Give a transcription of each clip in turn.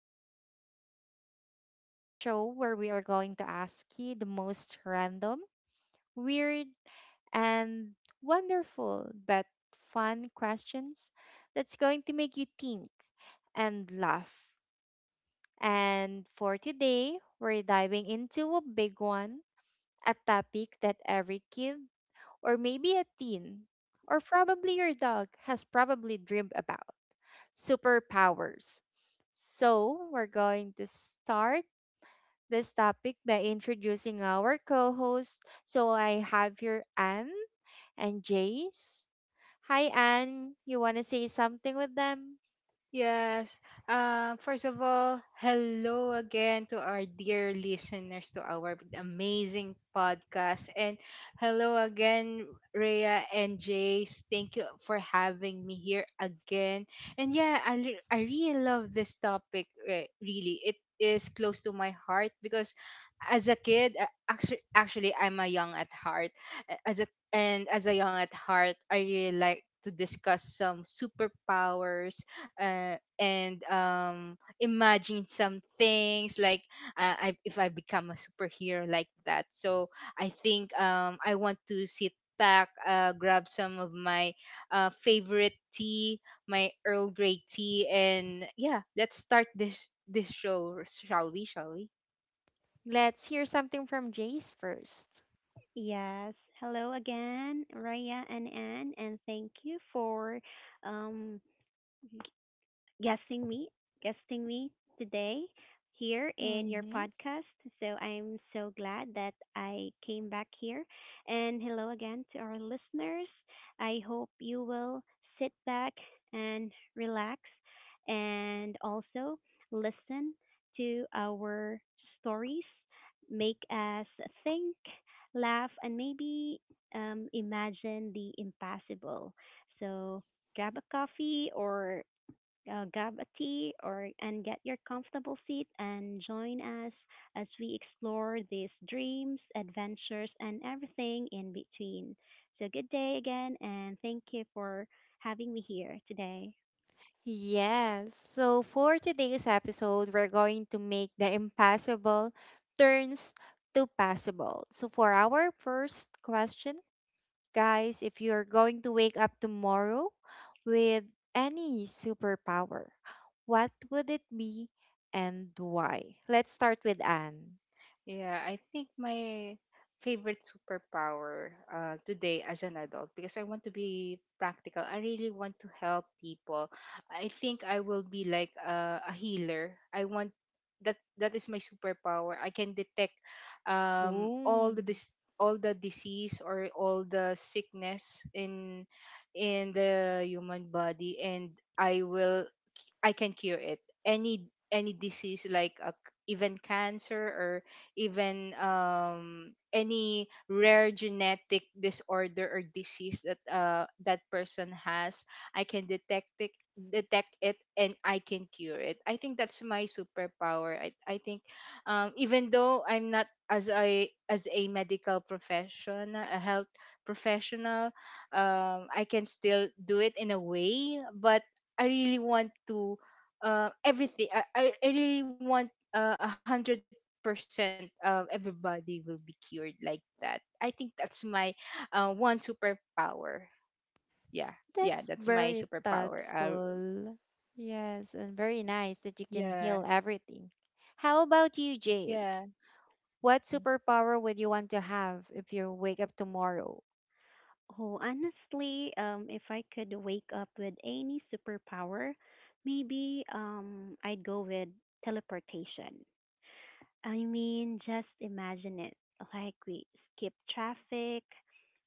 podcast, the show where we are going to ask you the most random, weird, and wonderful but fun questions that's going to make you think and laugh. And for today, we're diving into a big one, a topic that every kid or maybe a teen or probably your dog has probably dreamed about superpowers. So, we're going to start this topic by introducing our co host. So, I have here Anne and Jace. Hi, Anne. You want to say something with them? Yes. First of all, hello again to our dear listeners to our amazing podcast. And hello again, Rhea and Jace. Thank you for having me here again. And yeah, I really love this topic, really. It is close to my heart because as a kid, actually I'm a young at heart. A- As a as a young at heart, I really like to discuss some superpowers, and imagine some things like, if I become a superhero like that. So I think, I want to sit back, grab some of my, favorite tea, my Earl Grey tea, and yeah, let's start this show, shall we? Shall we? Let's hear something from Jace first. Yes. Hello again, Raya and Anne, and thank you for um, guesting me, guesting me today here in your Mm-hmm. podcast. So I'm so glad that I came back here. And hello again to our listeners. I hope you will sit back and relax and also listen to our stories, make us think, laugh, and maybe imagine the impossible. So grab a coffee or grab a tea or and get your comfortable seat and join us as we explore these dreams, adventures, and everything in between. So good day again, and thank you for having me here today. Yes, so for today's episode, we're going to make the impossible turns to possible. So for our first question, guys, if you're going to wake up tomorrow with any superpower, what would it be and why? Let's start with Anne. Yeah, I think my favorite superpower, today, as an adult, because I want to be practical, I really want to help people. I think I will be like a healer. I want that is my superpower. I can detect, all Ooh, the disease or all the sickness in the human body, and I can cure it. Any disease like, even cancer or even, any rare genetic disorder or disease that, that person has, I can detect it and I can cure it. I think that's my superpower. I think, even though I'm not as a medical professional, a health professional, I can still do it in a way, but I really want to, everything. I really want, 100% of everybody will be cured like that. I think that's my, one superpower. Yeah, that's yeah, that's very my superpower. Thoughtful. Yes, and very nice that you can heal Yeah, everything. How about you, Jace? yeah, What superpower would you want to have if you wake up tomorrow? Oh, honestly, if I could wake up with any superpower, maybe I'd go with teleportation. I mean, just imagine it. Like we skip traffic,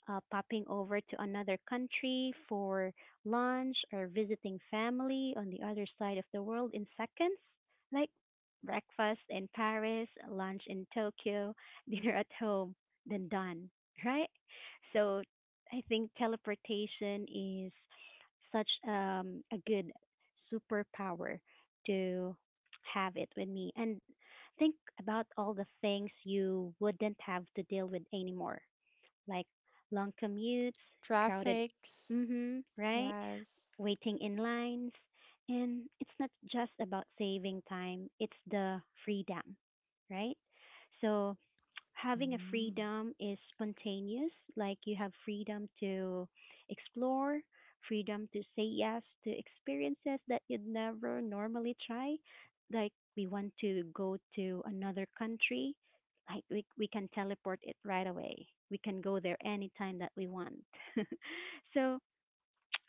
popping over to another country for lunch or visiting family on the other side of the world in seconds. Like breakfast in Paris, lunch in Tokyo, dinner at home, then done, right? So I think teleportation is such a good superpower to have it with me. And think about all the things you wouldn't have to deal with anymore, like long commutes, crowded, Traffics. mm-hmm, right? Yes. Waiting in lines. And it's not just about saving time, it's the freedom, right? So having a freedom is spontaneous. Like you have freedom to explore, freedom to say yes to experiences that you'd never normally try. Like we want to go to another country, like we can teleport it right away. We can go there anytime that we want. So,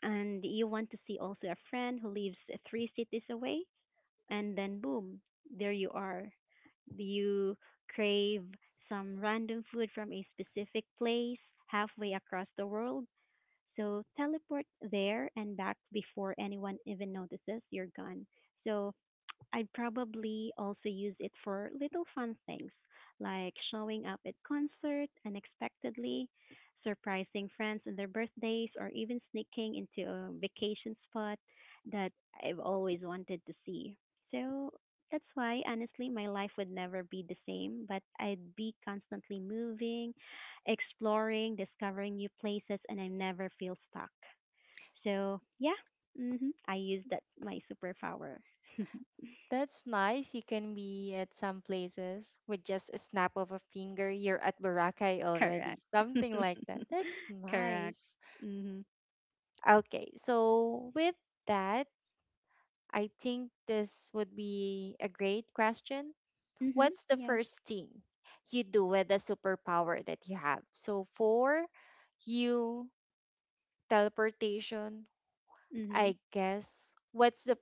and you want to see also a friend who lives three cities away and then boom, there you are. You crave some random food from a specific place halfway across the world. So teleport there and back before anyone even notices you're gone. So I'd probably also use it for little fun things like showing up at concert unexpectedly, surprising friends on their birthdays, or even sneaking into a vacation spot that I've always wanted to see. So that's why, honestly, my life would never be the same, but I'd be constantly moving, exploring, discovering new places, and I never feel stuck. So, yeah, I use that my superpower. That's nice. You can be at some places with just a snap of a finger. You're at Boracay already. Correct. Something like that. That's Correct. nice. Mhm. Okay, so with that, I think this would be a great question. Mhm. What's the Yes. first thing you do with the superpower that you have? So for you, teleportation, Mhm. I guess, what's the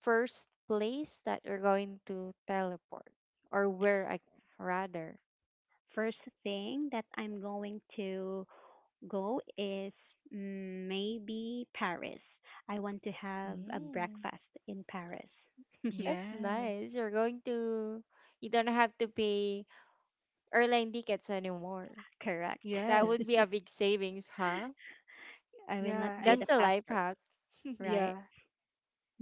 first place that you're going to teleport? Or where, I, rather? First thing that I'm going to go is maybe Paris. I want to have a Mm, breakfast in Paris. that's yes, nice. You don't have to pay airline tickets anymore. Correct. That would yes, be a big savings, huh? I will yeah, not and get a That's a life passport, hack. right? yeah,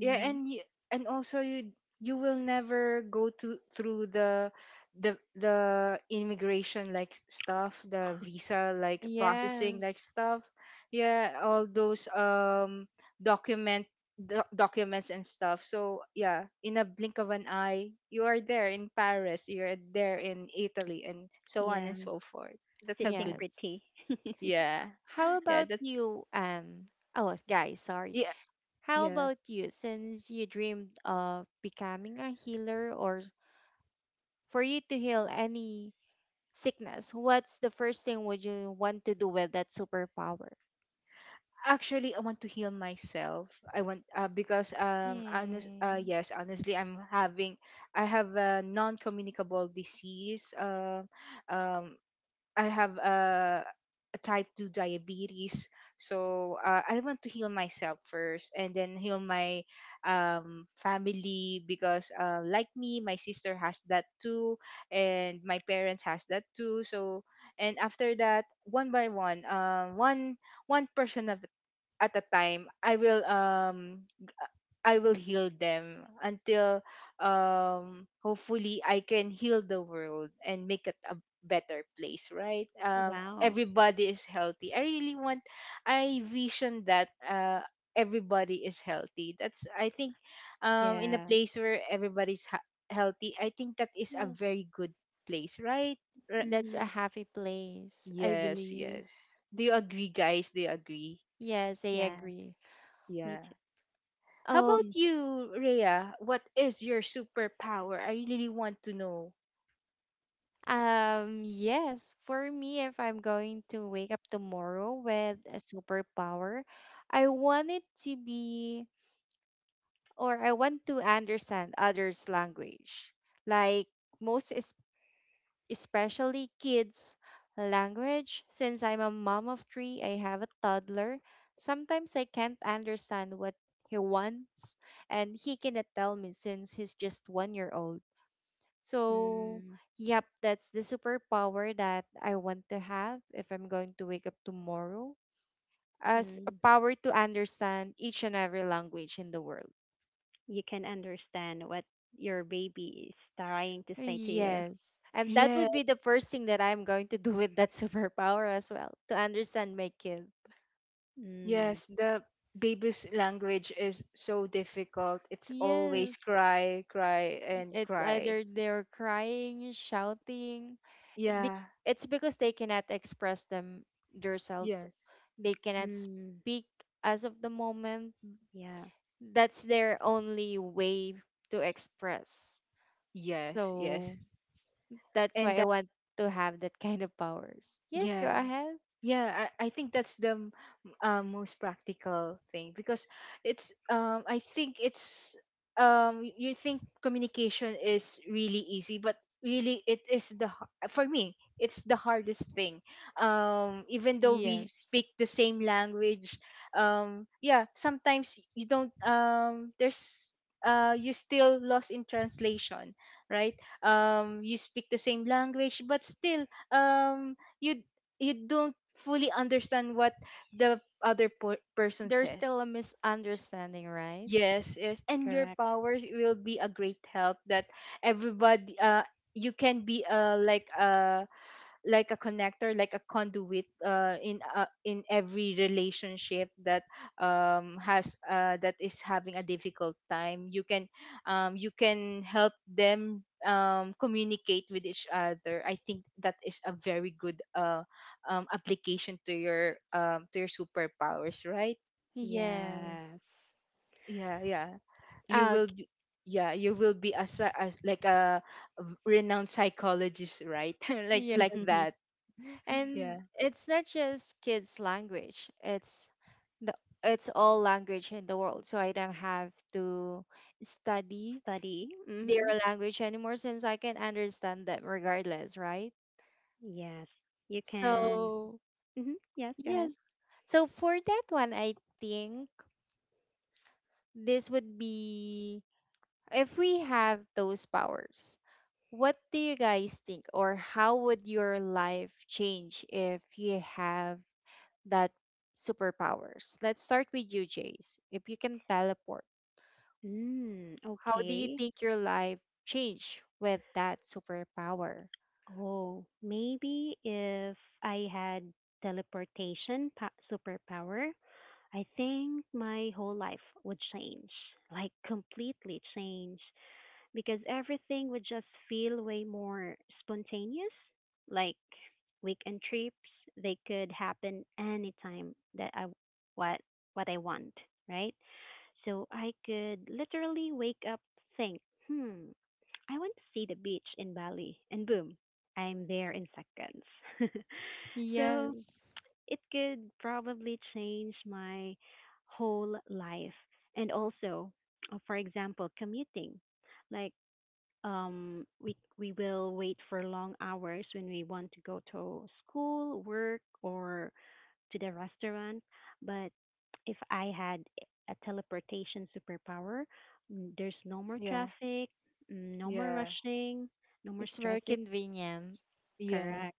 yeah, and you, and also you will never go to through the immigration, like, stuff, the visa like processing, like Yes. stuff, yeah, all those, document documents and stuff. So yeah, in a blink of an eye, you are there in Paris, you're there in Italy, and so on and Yeah. so forth. That's a Sitting good, Yes. pretty. yeah, How yeah, about that, you, oh, guys, sorry. yeah, How yeah. about you, since you dreamed of becoming a healer or for you to heal any sickness, what's the first thing would you want to do with that superpower? Actually, I want to heal myself I want Mm, yes, honestly, I have a non-communicable disease. Um I have a type 2 diabetes. So, I want to heal myself first and then heal my, family, because, like me, my sister has that too, and my parents has that too, so, and after that, one by one, one person at a time. I will heal them until, hopefully I can heal the world and make it a better place, right? Wow. Everybody is healthy. I really want I vision that, everybody is healthy. That's, I think, in a Yes. place where everybody's healthy, I think that is a yeah. very good place, right? Ri- That's a Mm-hmm. happy place, I yes, believe. yes, do you agree, guys? Do you agree? Yes, I Yes. agree. Yeah. Me too. How Oh, about you, Rhea? What is your superpower? I really want to know. Yes. For me, if I'm going to wake up tomorrow with a superpower, I want it to be, I want to understand others' language. Like most especially kids, language. Since I'm a mom of three, I have a toddler. Sometimes I can't understand what he wants, and he cannot tell me since he's just 1 year old. So, Mm-hmm. yep, that's the superpower that I want to have if I'm going to wake up tomorrow. As a Mm-hmm. power to understand each and every language in the world. You can understand what your baby is trying to say to you. Yes. And that Yeah, would be the first thing that I'm going to do with that superpower as well, to understand my kids. Mm. yes, the baby's language is so difficult. It's always Yes. cry, cry, and It's cry. either they're crying, shouting. It be- Yeah, It's because they cannot express them themselves. yes, They cannot Mm. speak as of the moment. Yeah, That's their only way to express. yes, So yes. that's why And I that, want to have that kind of powers. Yes, go yeah. ahead. Yeah, I think that's the, most practical thing, because, it's I think it's you think communication is really easy, but really it is the, for me it's the hardest thing, even though we Yes. speak the same language, yeah, sometimes you don't, there's you still lost in translation, right? You speak the same language but still, um you you don't fully understand what the other, person There's says. still a misunderstanding, right? Yes, yes, and your correct. powers will be a great help, that everybody, you can be, like a connector, like a conduit, in every relationship that, has that is having a difficult time. You can, you can help them, communicate with each other. I think that is a very good, application to your superpowers, right? Yes. Yes. Yeah, yeah, you Ah, will be, yeah you will be as like a renowned psychologist, right? Like that. and Yeah, it's not just kids' language. The it's all language in the world. So I don't have to study Study. their Mm-hmm. language anymore since I can understand them regardless, right? Yes. You can. So Mm-hmm. Yes, go ahead. yes. So for that one, I think this would be if we have those powers, what do you guys think or how would your life change if you have that superpowers. Let's start with you, Jace. If you can teleport, Mm, how do you okay. think your life changed with that superpower? Oh, maybe if I had superpower, I think my whole life would change, like completely change, because everything would just feel way more spontaneous. Like weekend trips, they could happen anytime that I what what I want, right? So I could literally wake up, think, hmm, I want to see the beach in Bali, and boom, I'm there in seconds. So Yes. it could probably change my whole life, and also, for example, commuting. Like we will wait for long hours when we want to go to school, work, or to the restaurant. But if I had a teleportation superpower, mm, there's no more yeah. traffic, mm, no more Yeah. rushing, no more It's very stressing. convenient. Yeah. Correct.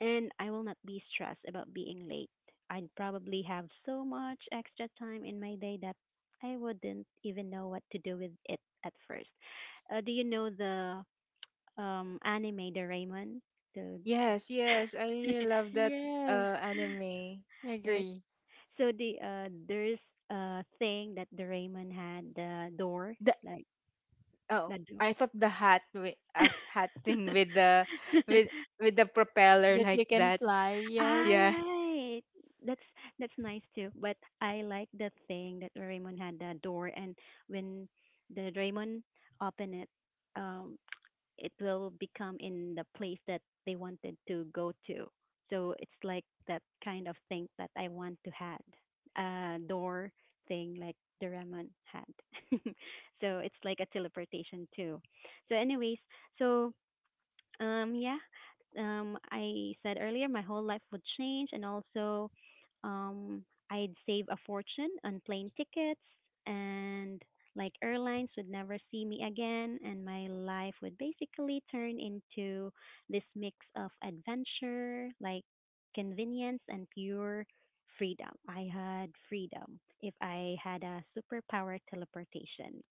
And I will not be stressed about being late. I'd probably have so much extra time in my day that I wouldn't even know what to do with it at first. Do you know the anime Doraemon? So Yes, yes. I really love that, Yes. anime. I right. agree. So there's a thing that Doraemon had the door The like Oh, the door. I thought the hat, with, hat thing, with the with with the propeller, That like you can that. fly. All Yes. Yeah. right. That's that's nice too. But I like the thing that Doraemon had the door and when the Doraemon open it, um it will become in the place that they wanted to go to. So it's like that kind of thing that I want to had a door thing like Doraemon had. So it's like a teleportation too. So anyways, so yeah. I said earlier my whole life would change, and also, um, I'd save a fortune on plane tickets, and like airlines would never see me again, and my life would basically turn into this mix of adventure, like convenience, and pure freedom. I had freedom if I had a superpower teleportation.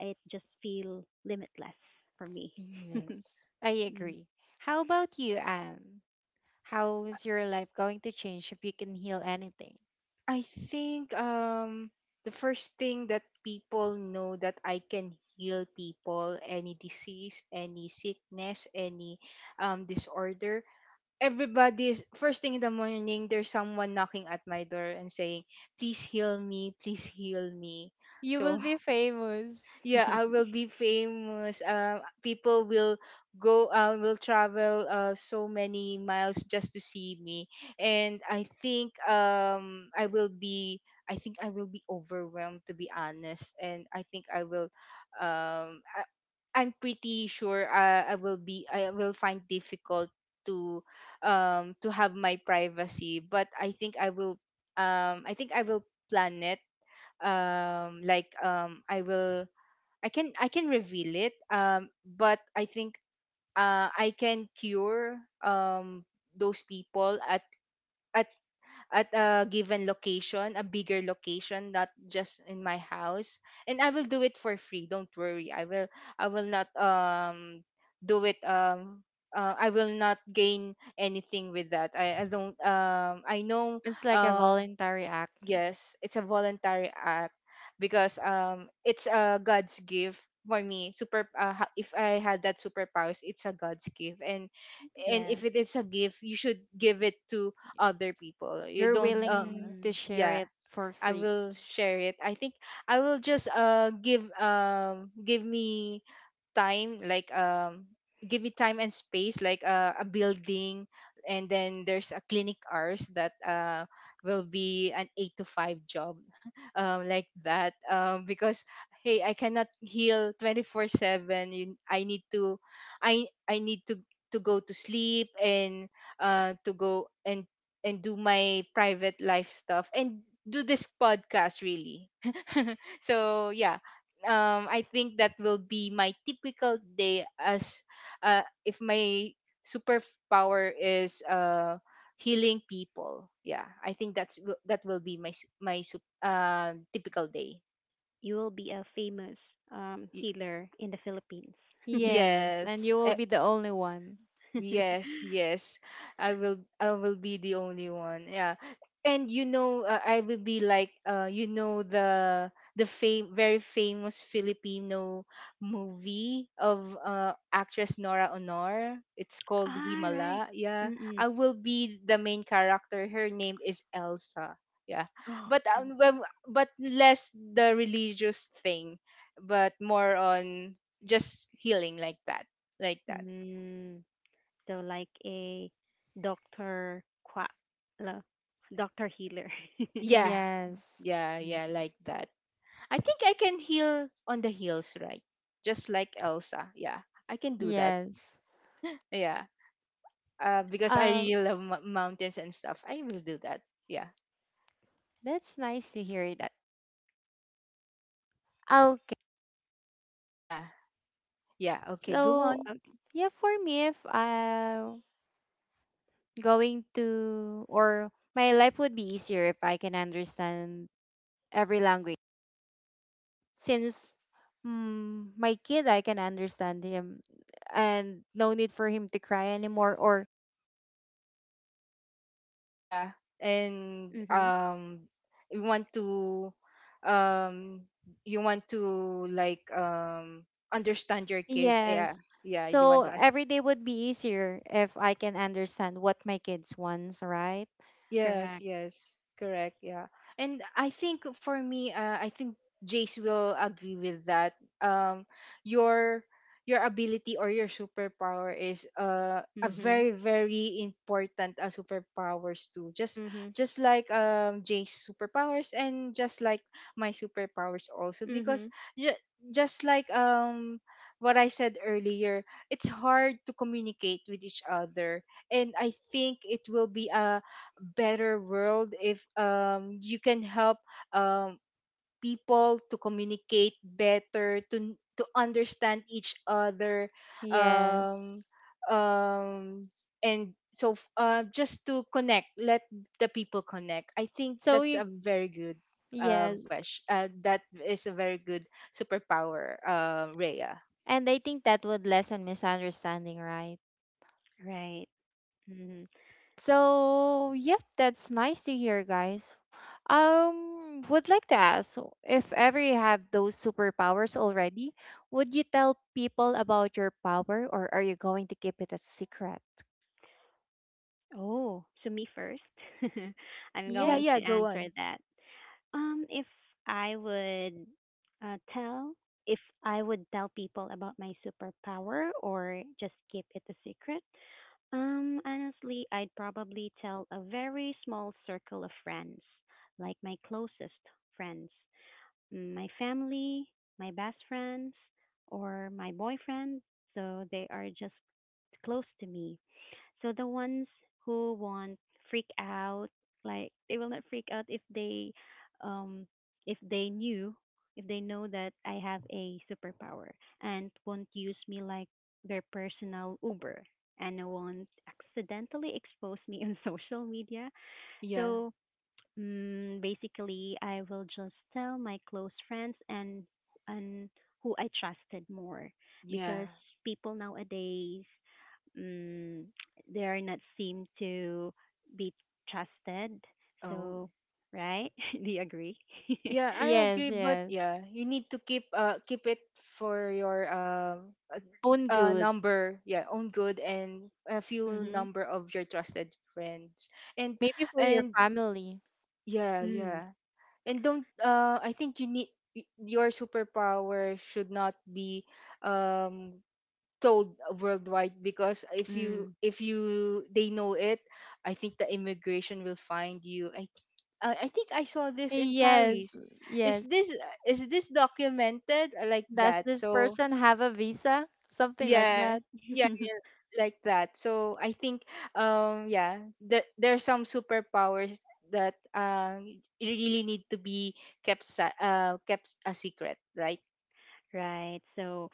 It just feel limitless for me. Yes, I Mm. agree. How about you, Anne? How is your life going to change if you can heal anything? I think, the first thing that people know that I can heal people any disease, any sickness, any, disorder, everybody's first thing in the morning there's someone knocking at my door and saying, "Please heal me, please heal me." You will So be famous. yeah, I will be famous. People will, go will travel, so many miles just to see me. And I think, I think I will be overwhelmed, to be honest. And um I'm pretty sure, I will find difficult to, to have my privacy. But I think I will plan it, I will, I can reveal it, but I think, I can cure, those people at at a given location, a bigger location, not just in my house. And I will do it for free. Don't worry. I will not, do it, I will not gain anything with that. I don't, I know It's like a um voluntary act. yes, it's a voluntary act, because, it's a God's gift for me. If I had that superpowers, it's a God's gift. And Yeah. if it is a gift, you should give it to other people. You You're don't willing to Mm. share it Yeah, for I free. will share it. I think I will just, give me time, give me time and space, like, a building, and then there's a clinic hours that, will be an 8 to 5 job, like that, because hey, I cannot heal 24/7. I need to, I need to go to sleep, and, to go, and, do my private life stuff, and do this podcast, really. So yeah, I think that will be my typical day, as if my superpower is, healing people. Yeah, I think that will be my typical day. You will be a famous Y- healer in the Philippines. All Yes, and you yes, will be the only one. yes, yes. I will be the only one. Yeah. And I will be like, the fame very famous Filipino movie of, actress Nora Honor. It's called right. Himala. Yeah. Mm-mm. I will be the main character. Her name is Elsa. Yeah. Oh, But, L. Well, but less the religious thing, but more on just healing, like that. Like that. Mm. So like a doctor qua la- doctor healer. Yeah. Yes. Yeah, yeah, Mm-hmm. like that. I think I can heal on the heels, right? Just like Elsa. Yeah. I can do that. Yes. Yeah. Because I Um, really love, mountains and stuff. I will do that. Yeah. that's nice to hear that. Okay. Yeah. Yeah. Okay, go So, on. yeah, for me, if I'm going to, or my life would be easier if I can understand every language. Since mm, my kid, I can understand him, and no need for him to cry anymore, or Yeah. And Okay. Mm-hmm. um you want to um you want to, like, understand your kid. Yeah. yes. Yeah, you So want to every day would be easier if I can understand what my kids wants, right? Yes, Correct. yes, correct. Yeah, and I think for me, I think Jace will agree with that. Your your ability or your superpower is, a Mm-hmm. very very important, superpowers too. Mm-hmm. Just like, Jace superpowers, and just like my superpowers also, Mm-hmm. because, ju- just like, what I said earlier, it's hard to communicate with each other, and I think it will be a better world if, you can help, um people to communicate better, to understand each other. um Yes. um and so, just to connect, let the people connect. I think So that's you a very good, yes. question, that is a very good superpower, Rhea. And I think that would lessen misunderstanding, right? Right. Mm-hmm. So, yep, that's nice to hear, guys. Would like to ask if ever you have those superpowers already, would you tell people about your power or are you going to keep it a secret? Oh, so me first. I'm Yeah, going Yes. yeah, to go answer on. that. Um, if I would uh, tell, if I would tell people about my superpower or just keep it a secret, honestly, I'd probably tell a very small circle of friends, like my closest friends, mm, my family, my best friends, or my boyfriend. So they are just close to me. So the ones who won't freak out, like they will not freak out um, if they knew, if they know that I have a superpower and won't use me like their personal Uber and won't accidentally expose me on social media. Yeah, So mm, basically, I will just tell my close friends and and who I trusted more yeah. because people nowadays mm, they are not seem to be trusted. Oh. So, right? Do you agree? Yeah, I Yes, agree, but yes. yeah, you need to keep it for your, Own good. Yeah, own good and a few Mhm. number of your trusted friends. And Maybe for your and family. yeah, Mm. yeah. And don't I think you need, your superpower should not be, um told worldwide, because Mm. if you they know it. I think the immigration will find you. I think I saw this in Yes, Paris. is yes. this is this documented? Like Does that, this so, person have a visa? Something like yeah, that. yeah, yeah, like that. So I think, yeah, there are some superpowers that, really need to be kept a secret, right? Right. So,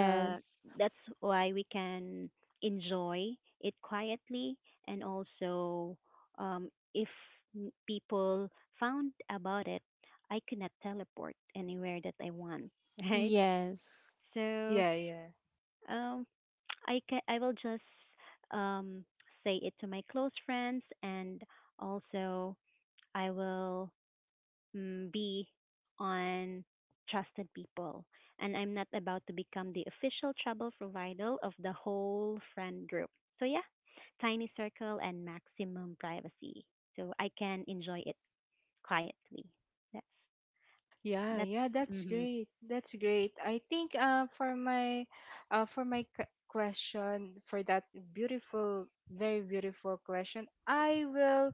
uh, that's why we can enjoy it quietly, and also um, if people found about it, I could not teleport anywhere that I want, right? yes. So Yeah, yeah. um, I will just um, say it to my close friends, and also I will mm, be on trusted people. And I'm not about to become the official travel provider of the whole friend group. So, yeah, tiny circle and maximum privacy. So I can enjoy it quietly. That's, Yeah, that's, yeah, that's mm-hmm, great. That's great. I think for my question for that beautiful, very beautiful question, I will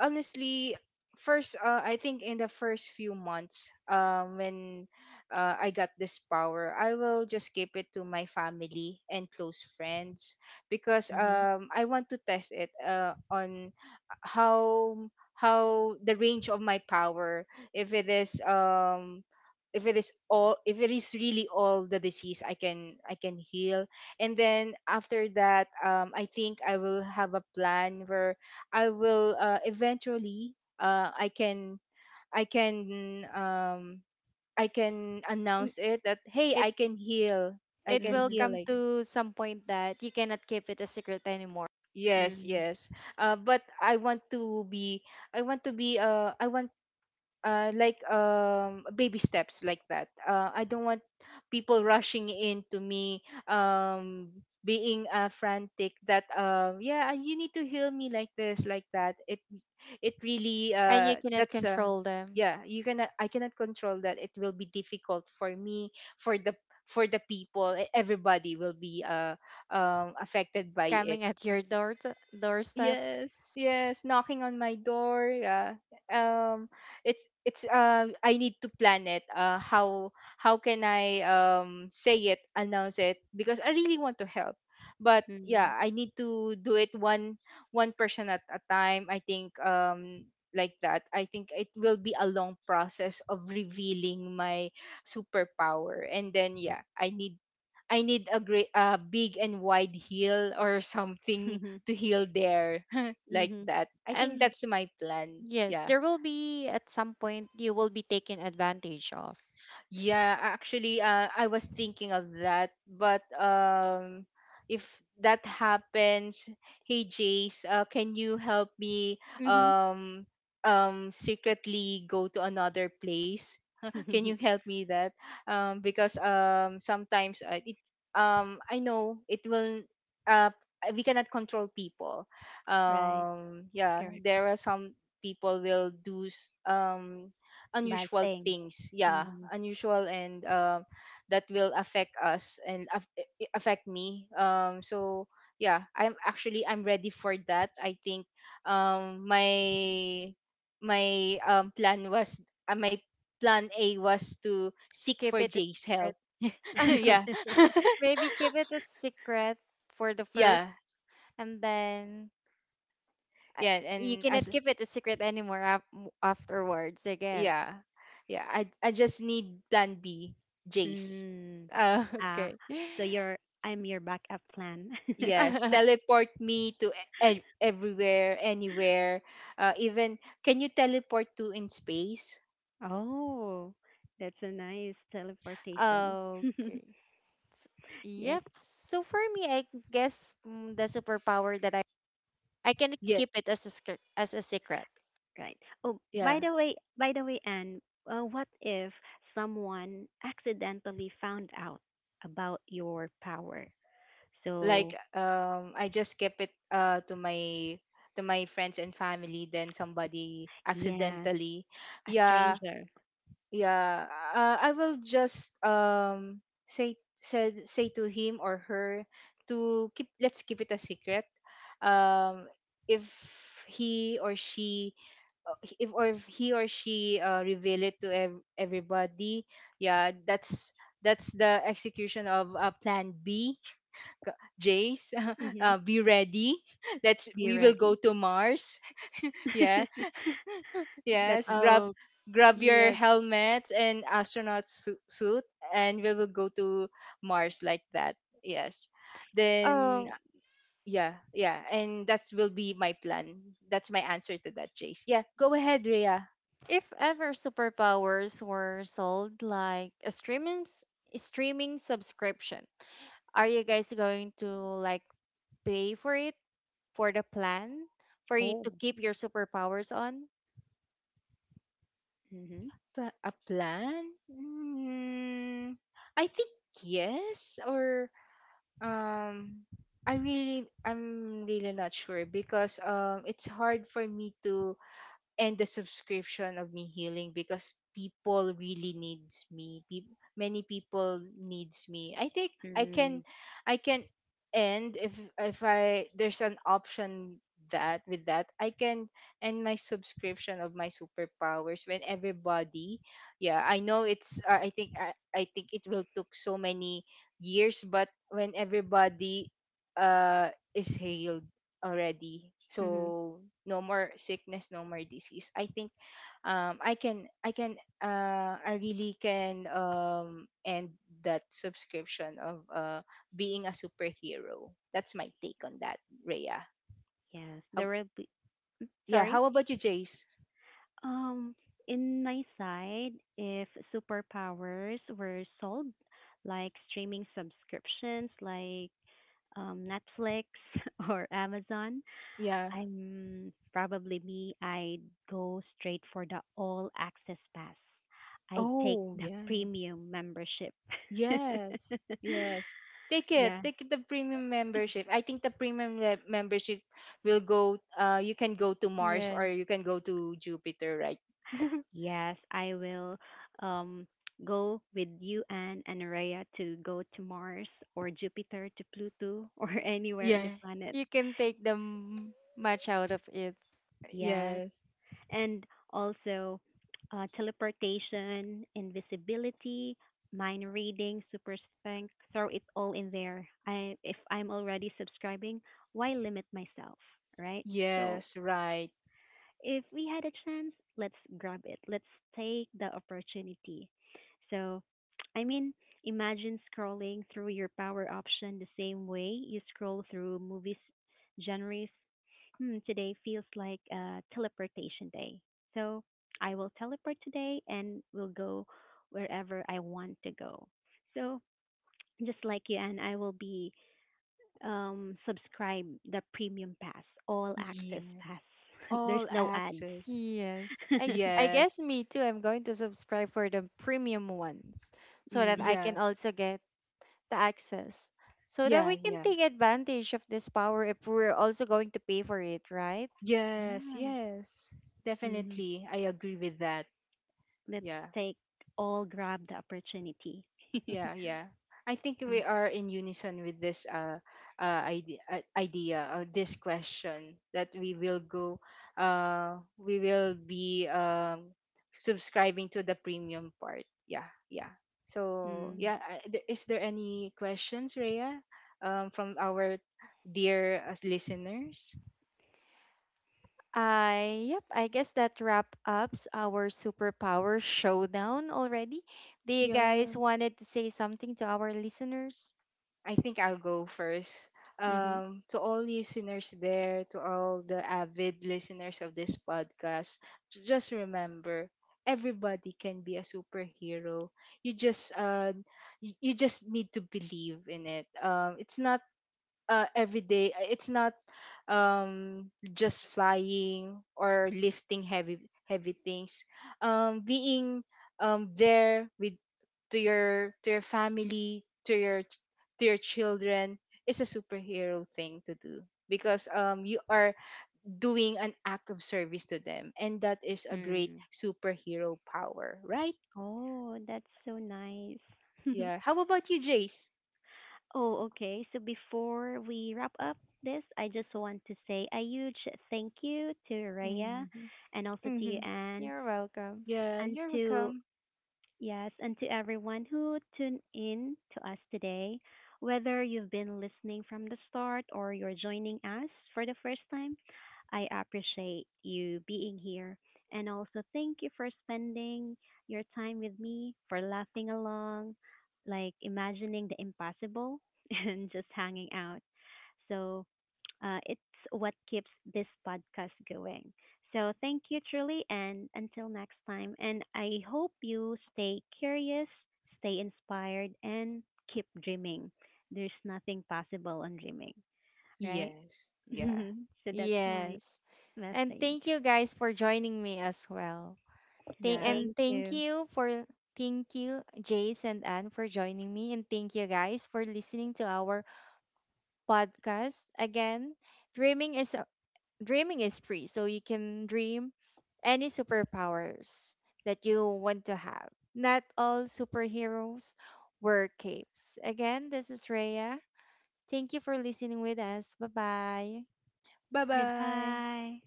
honestly first, I think in the first few months when I got this power, I will just keep it to my family and close friends because hmm I want to test it on how how the range of my power, if it is um if it is all if it is really all the disease I can, I can heal. And then after that, I think I will have a plan where I will, eventually, I can, I can, I can M- announce it that hey, It I can heal, I it can will hmm heal come like, to some point that you cannot keep it a secret anymore. yes, hmm yes, but I want to be, I want to be, I want, like, baby steps like that. I don't want people rushing into me, being frantic that, yeah, you need to heal me like this, like that. It really, And you cannot that's control them. yeah, you cannot, I cannot control that. It will be difficult for me, for the, for the people. Everybody will be, affected by it. Coming at your door t- doorsteps. Yes, yes, knocking on my door. Yeah. Um it's, it's I need to plan it. How can I, say it, announce it because I really want to help. But yeah, hmm I need to do it one, one person at a time. I think, like that. I think it will be a long process of revealing my superpower. And then yeah, I need, I need a great, a big and wide heel or something to heal there, like hmm that. I think And that's my plan. yes, Yeah. there will be at some point you will be taken advantage of. Yeah, actually, I was thinking of that, but if that happens, hey Jace, can you help me, hmm um secretly go to another place? Can you help me that? Because, sometimes, it, I know it will, uh we cannot control people. Right, Yeah, correct. there are some people will do Bad unusual thing. things, yeah, Hmm. unusual, and that will affect us and affect me, so yeah, I'm actually, I'm ready for that, I think. My, my, plan was, my plan A was to seek Keep for it a Jay's help. secret. Yeah. Maybe keep it a secret for the first Yeah, and then I- yeah, you and cannot as, keep it a secret afterwards, I guess. yeah, yeah, I just need plan B, Jay's. Mm. Uh, Ah, okay. so you're I'm your backup plan. Yes, teleport me to everywhere, anywhere. Even, can you teleport to in space? Oh, that's a nice teleportation. okay. S- Yes, Yep. So for me, the superpower that I can Yeah, keep it as a secret. right. Oh, yeah. By the way, Anne, what if someone accidentally found out about your power? Like, So, I just kept it to my, to my friends and family. Then somebody yeah, accidentally, a yeah, stranger. yeah. I will just, say, said say to him or her to keep, let's keep it a secret. Um, if he or she, if, or if he or she, reveal it to everybody, yeah, that's the execution of, plan B. Jace, Mm-hmm. Be ready. let's Be We will go ready. to Mars. Yeah, That yes, grab, Oh grab your yes. helmet and astronaut suit, and we will go to Mars like that. Yes. Then Um, yeah, yeah, and that will be my plan. That's my answer to that, Jace. Yeah, go ahead, Rhea. if ever superpowers were sold like a a streaming subscription, are you guys going to like pay for it, for the plan, for you oh. to keep your superpowers on, Mm-hmm. A plan? Mm, I think yes or, um I really, I'm really not sure because, it's hard for me to, and the subscription of me healing because people really needs me. Peop Many people needs me. I think I Mm-hmm. can, I can end if I, there's an option that, with that I can end my subscription of my superpowers when everybody, yeah, I know it's, I think I think it will took so many years, but when everybody, uh is healed already, so no more sickness, no more disease. I think, I can, I can, I really can, end that subscription of, being a superhero. That's my take on that, Rhea. Yes, How, there will be. yeah, Sorry. how about you, Jace? Um, in my side, if superpowers were sold, like streaming subscriptions, like Netflix or Amazon, Yeah. I'm probably me. I'd go straight for the all access pass. I'd take Oh the yeah, premium membership. yes, yes, take it, Yeah. take it. The premium membership, I think the premium membership will go, you can go to Mars or you yes. can go to Jupiter, right? Yes, I will um, go with you Anne, and Anaraya to go to Mars or Jupiter to Pluto or anywhere in the Yeah, planet. You can take the much out of it. Yes. yes, And also teleportation, invisibility, mind reading, super strength, throw it all in there. I If I'm already subscribing, why limit myself, right? So yes, right, if we had a chance, let's grab it. Let's take the opportunity. So, I mean, imagine scrolling through your power option the same way you scroll through movies genres. Hmm, today feels like a teleportation day. So, I will teleport today and will go wherever I want to go. So, just like you and I will be subscribe the premium pass, all access pass. yes. There's All no ads. access. Yes. I I Yes, guess me too. I'm going to subscribe for the premium ones so that Mm, I yeah, can also get the access. So that yeah, we can yeah. take advantage of this power if we're also going to pay for it, right? Yes, right. yes. Hmm. Definitely, I agree with that. Let's Yeah. take all grab the opportunity. Mm, Yeah, yeah. I think we are in unison with this, idea or this question that we will go, we will be, subscribing to the premium part. Yeah, yeah. So mm, yeah, is there any questions, Rhea, from our dear, listeners? I guess that wrap ups our superpower showdown already. Do you Yeah. guys wanted to say something to our listeners? I think I'll go first. mm-hmm. To all listeners there, to all the avid listeners of this podcast, just remember, everybody can be a superhero. You just, you, you just need to believe in it. It's not, every day. It's not, just flying or lifting heavy, heavy things. Being, there with, to your, to your family, to your to your children is a superhero thing to do because, you are doing an act of service to them, and that is a great Mm. superhero power, right? Oh, that's so nice. Yeah, how about you, Jace? Oh, okay. So before we wrap up this, I just want to say a huge thank you to Raya Hmm. and also to you, Hmm. Anne, You're welcome. Yeah, and you're to welcome. yes, and to everyone who tuned in to us today, whether you've been listening from the start or you're joining us for the first time, I appreciate you being here. And also, thank you for spending your time with me, for laughing along, like imagining the impossible, and just hanging out. So it's what keeps this podcast going. So thank you truly, and until next time. And I hope you stay curious, stay inspired, and keep dreaming. There's nothing possible on dreaming, right? Yes, yeah, So that's my Yes. And message. thank you guys for joining me as well. Th- yeah, and Thank thank you. you for Thank you Jace and Anne for joining me, and thank you guys for listening to our podcast. Again, dreaming is dreaming is free, so you can dream any superpowers that you want to have. Not all superheroes wear capes. Again, this is Rhea. Thank you for listening with us. Bye bye. bye bye. Goodbye.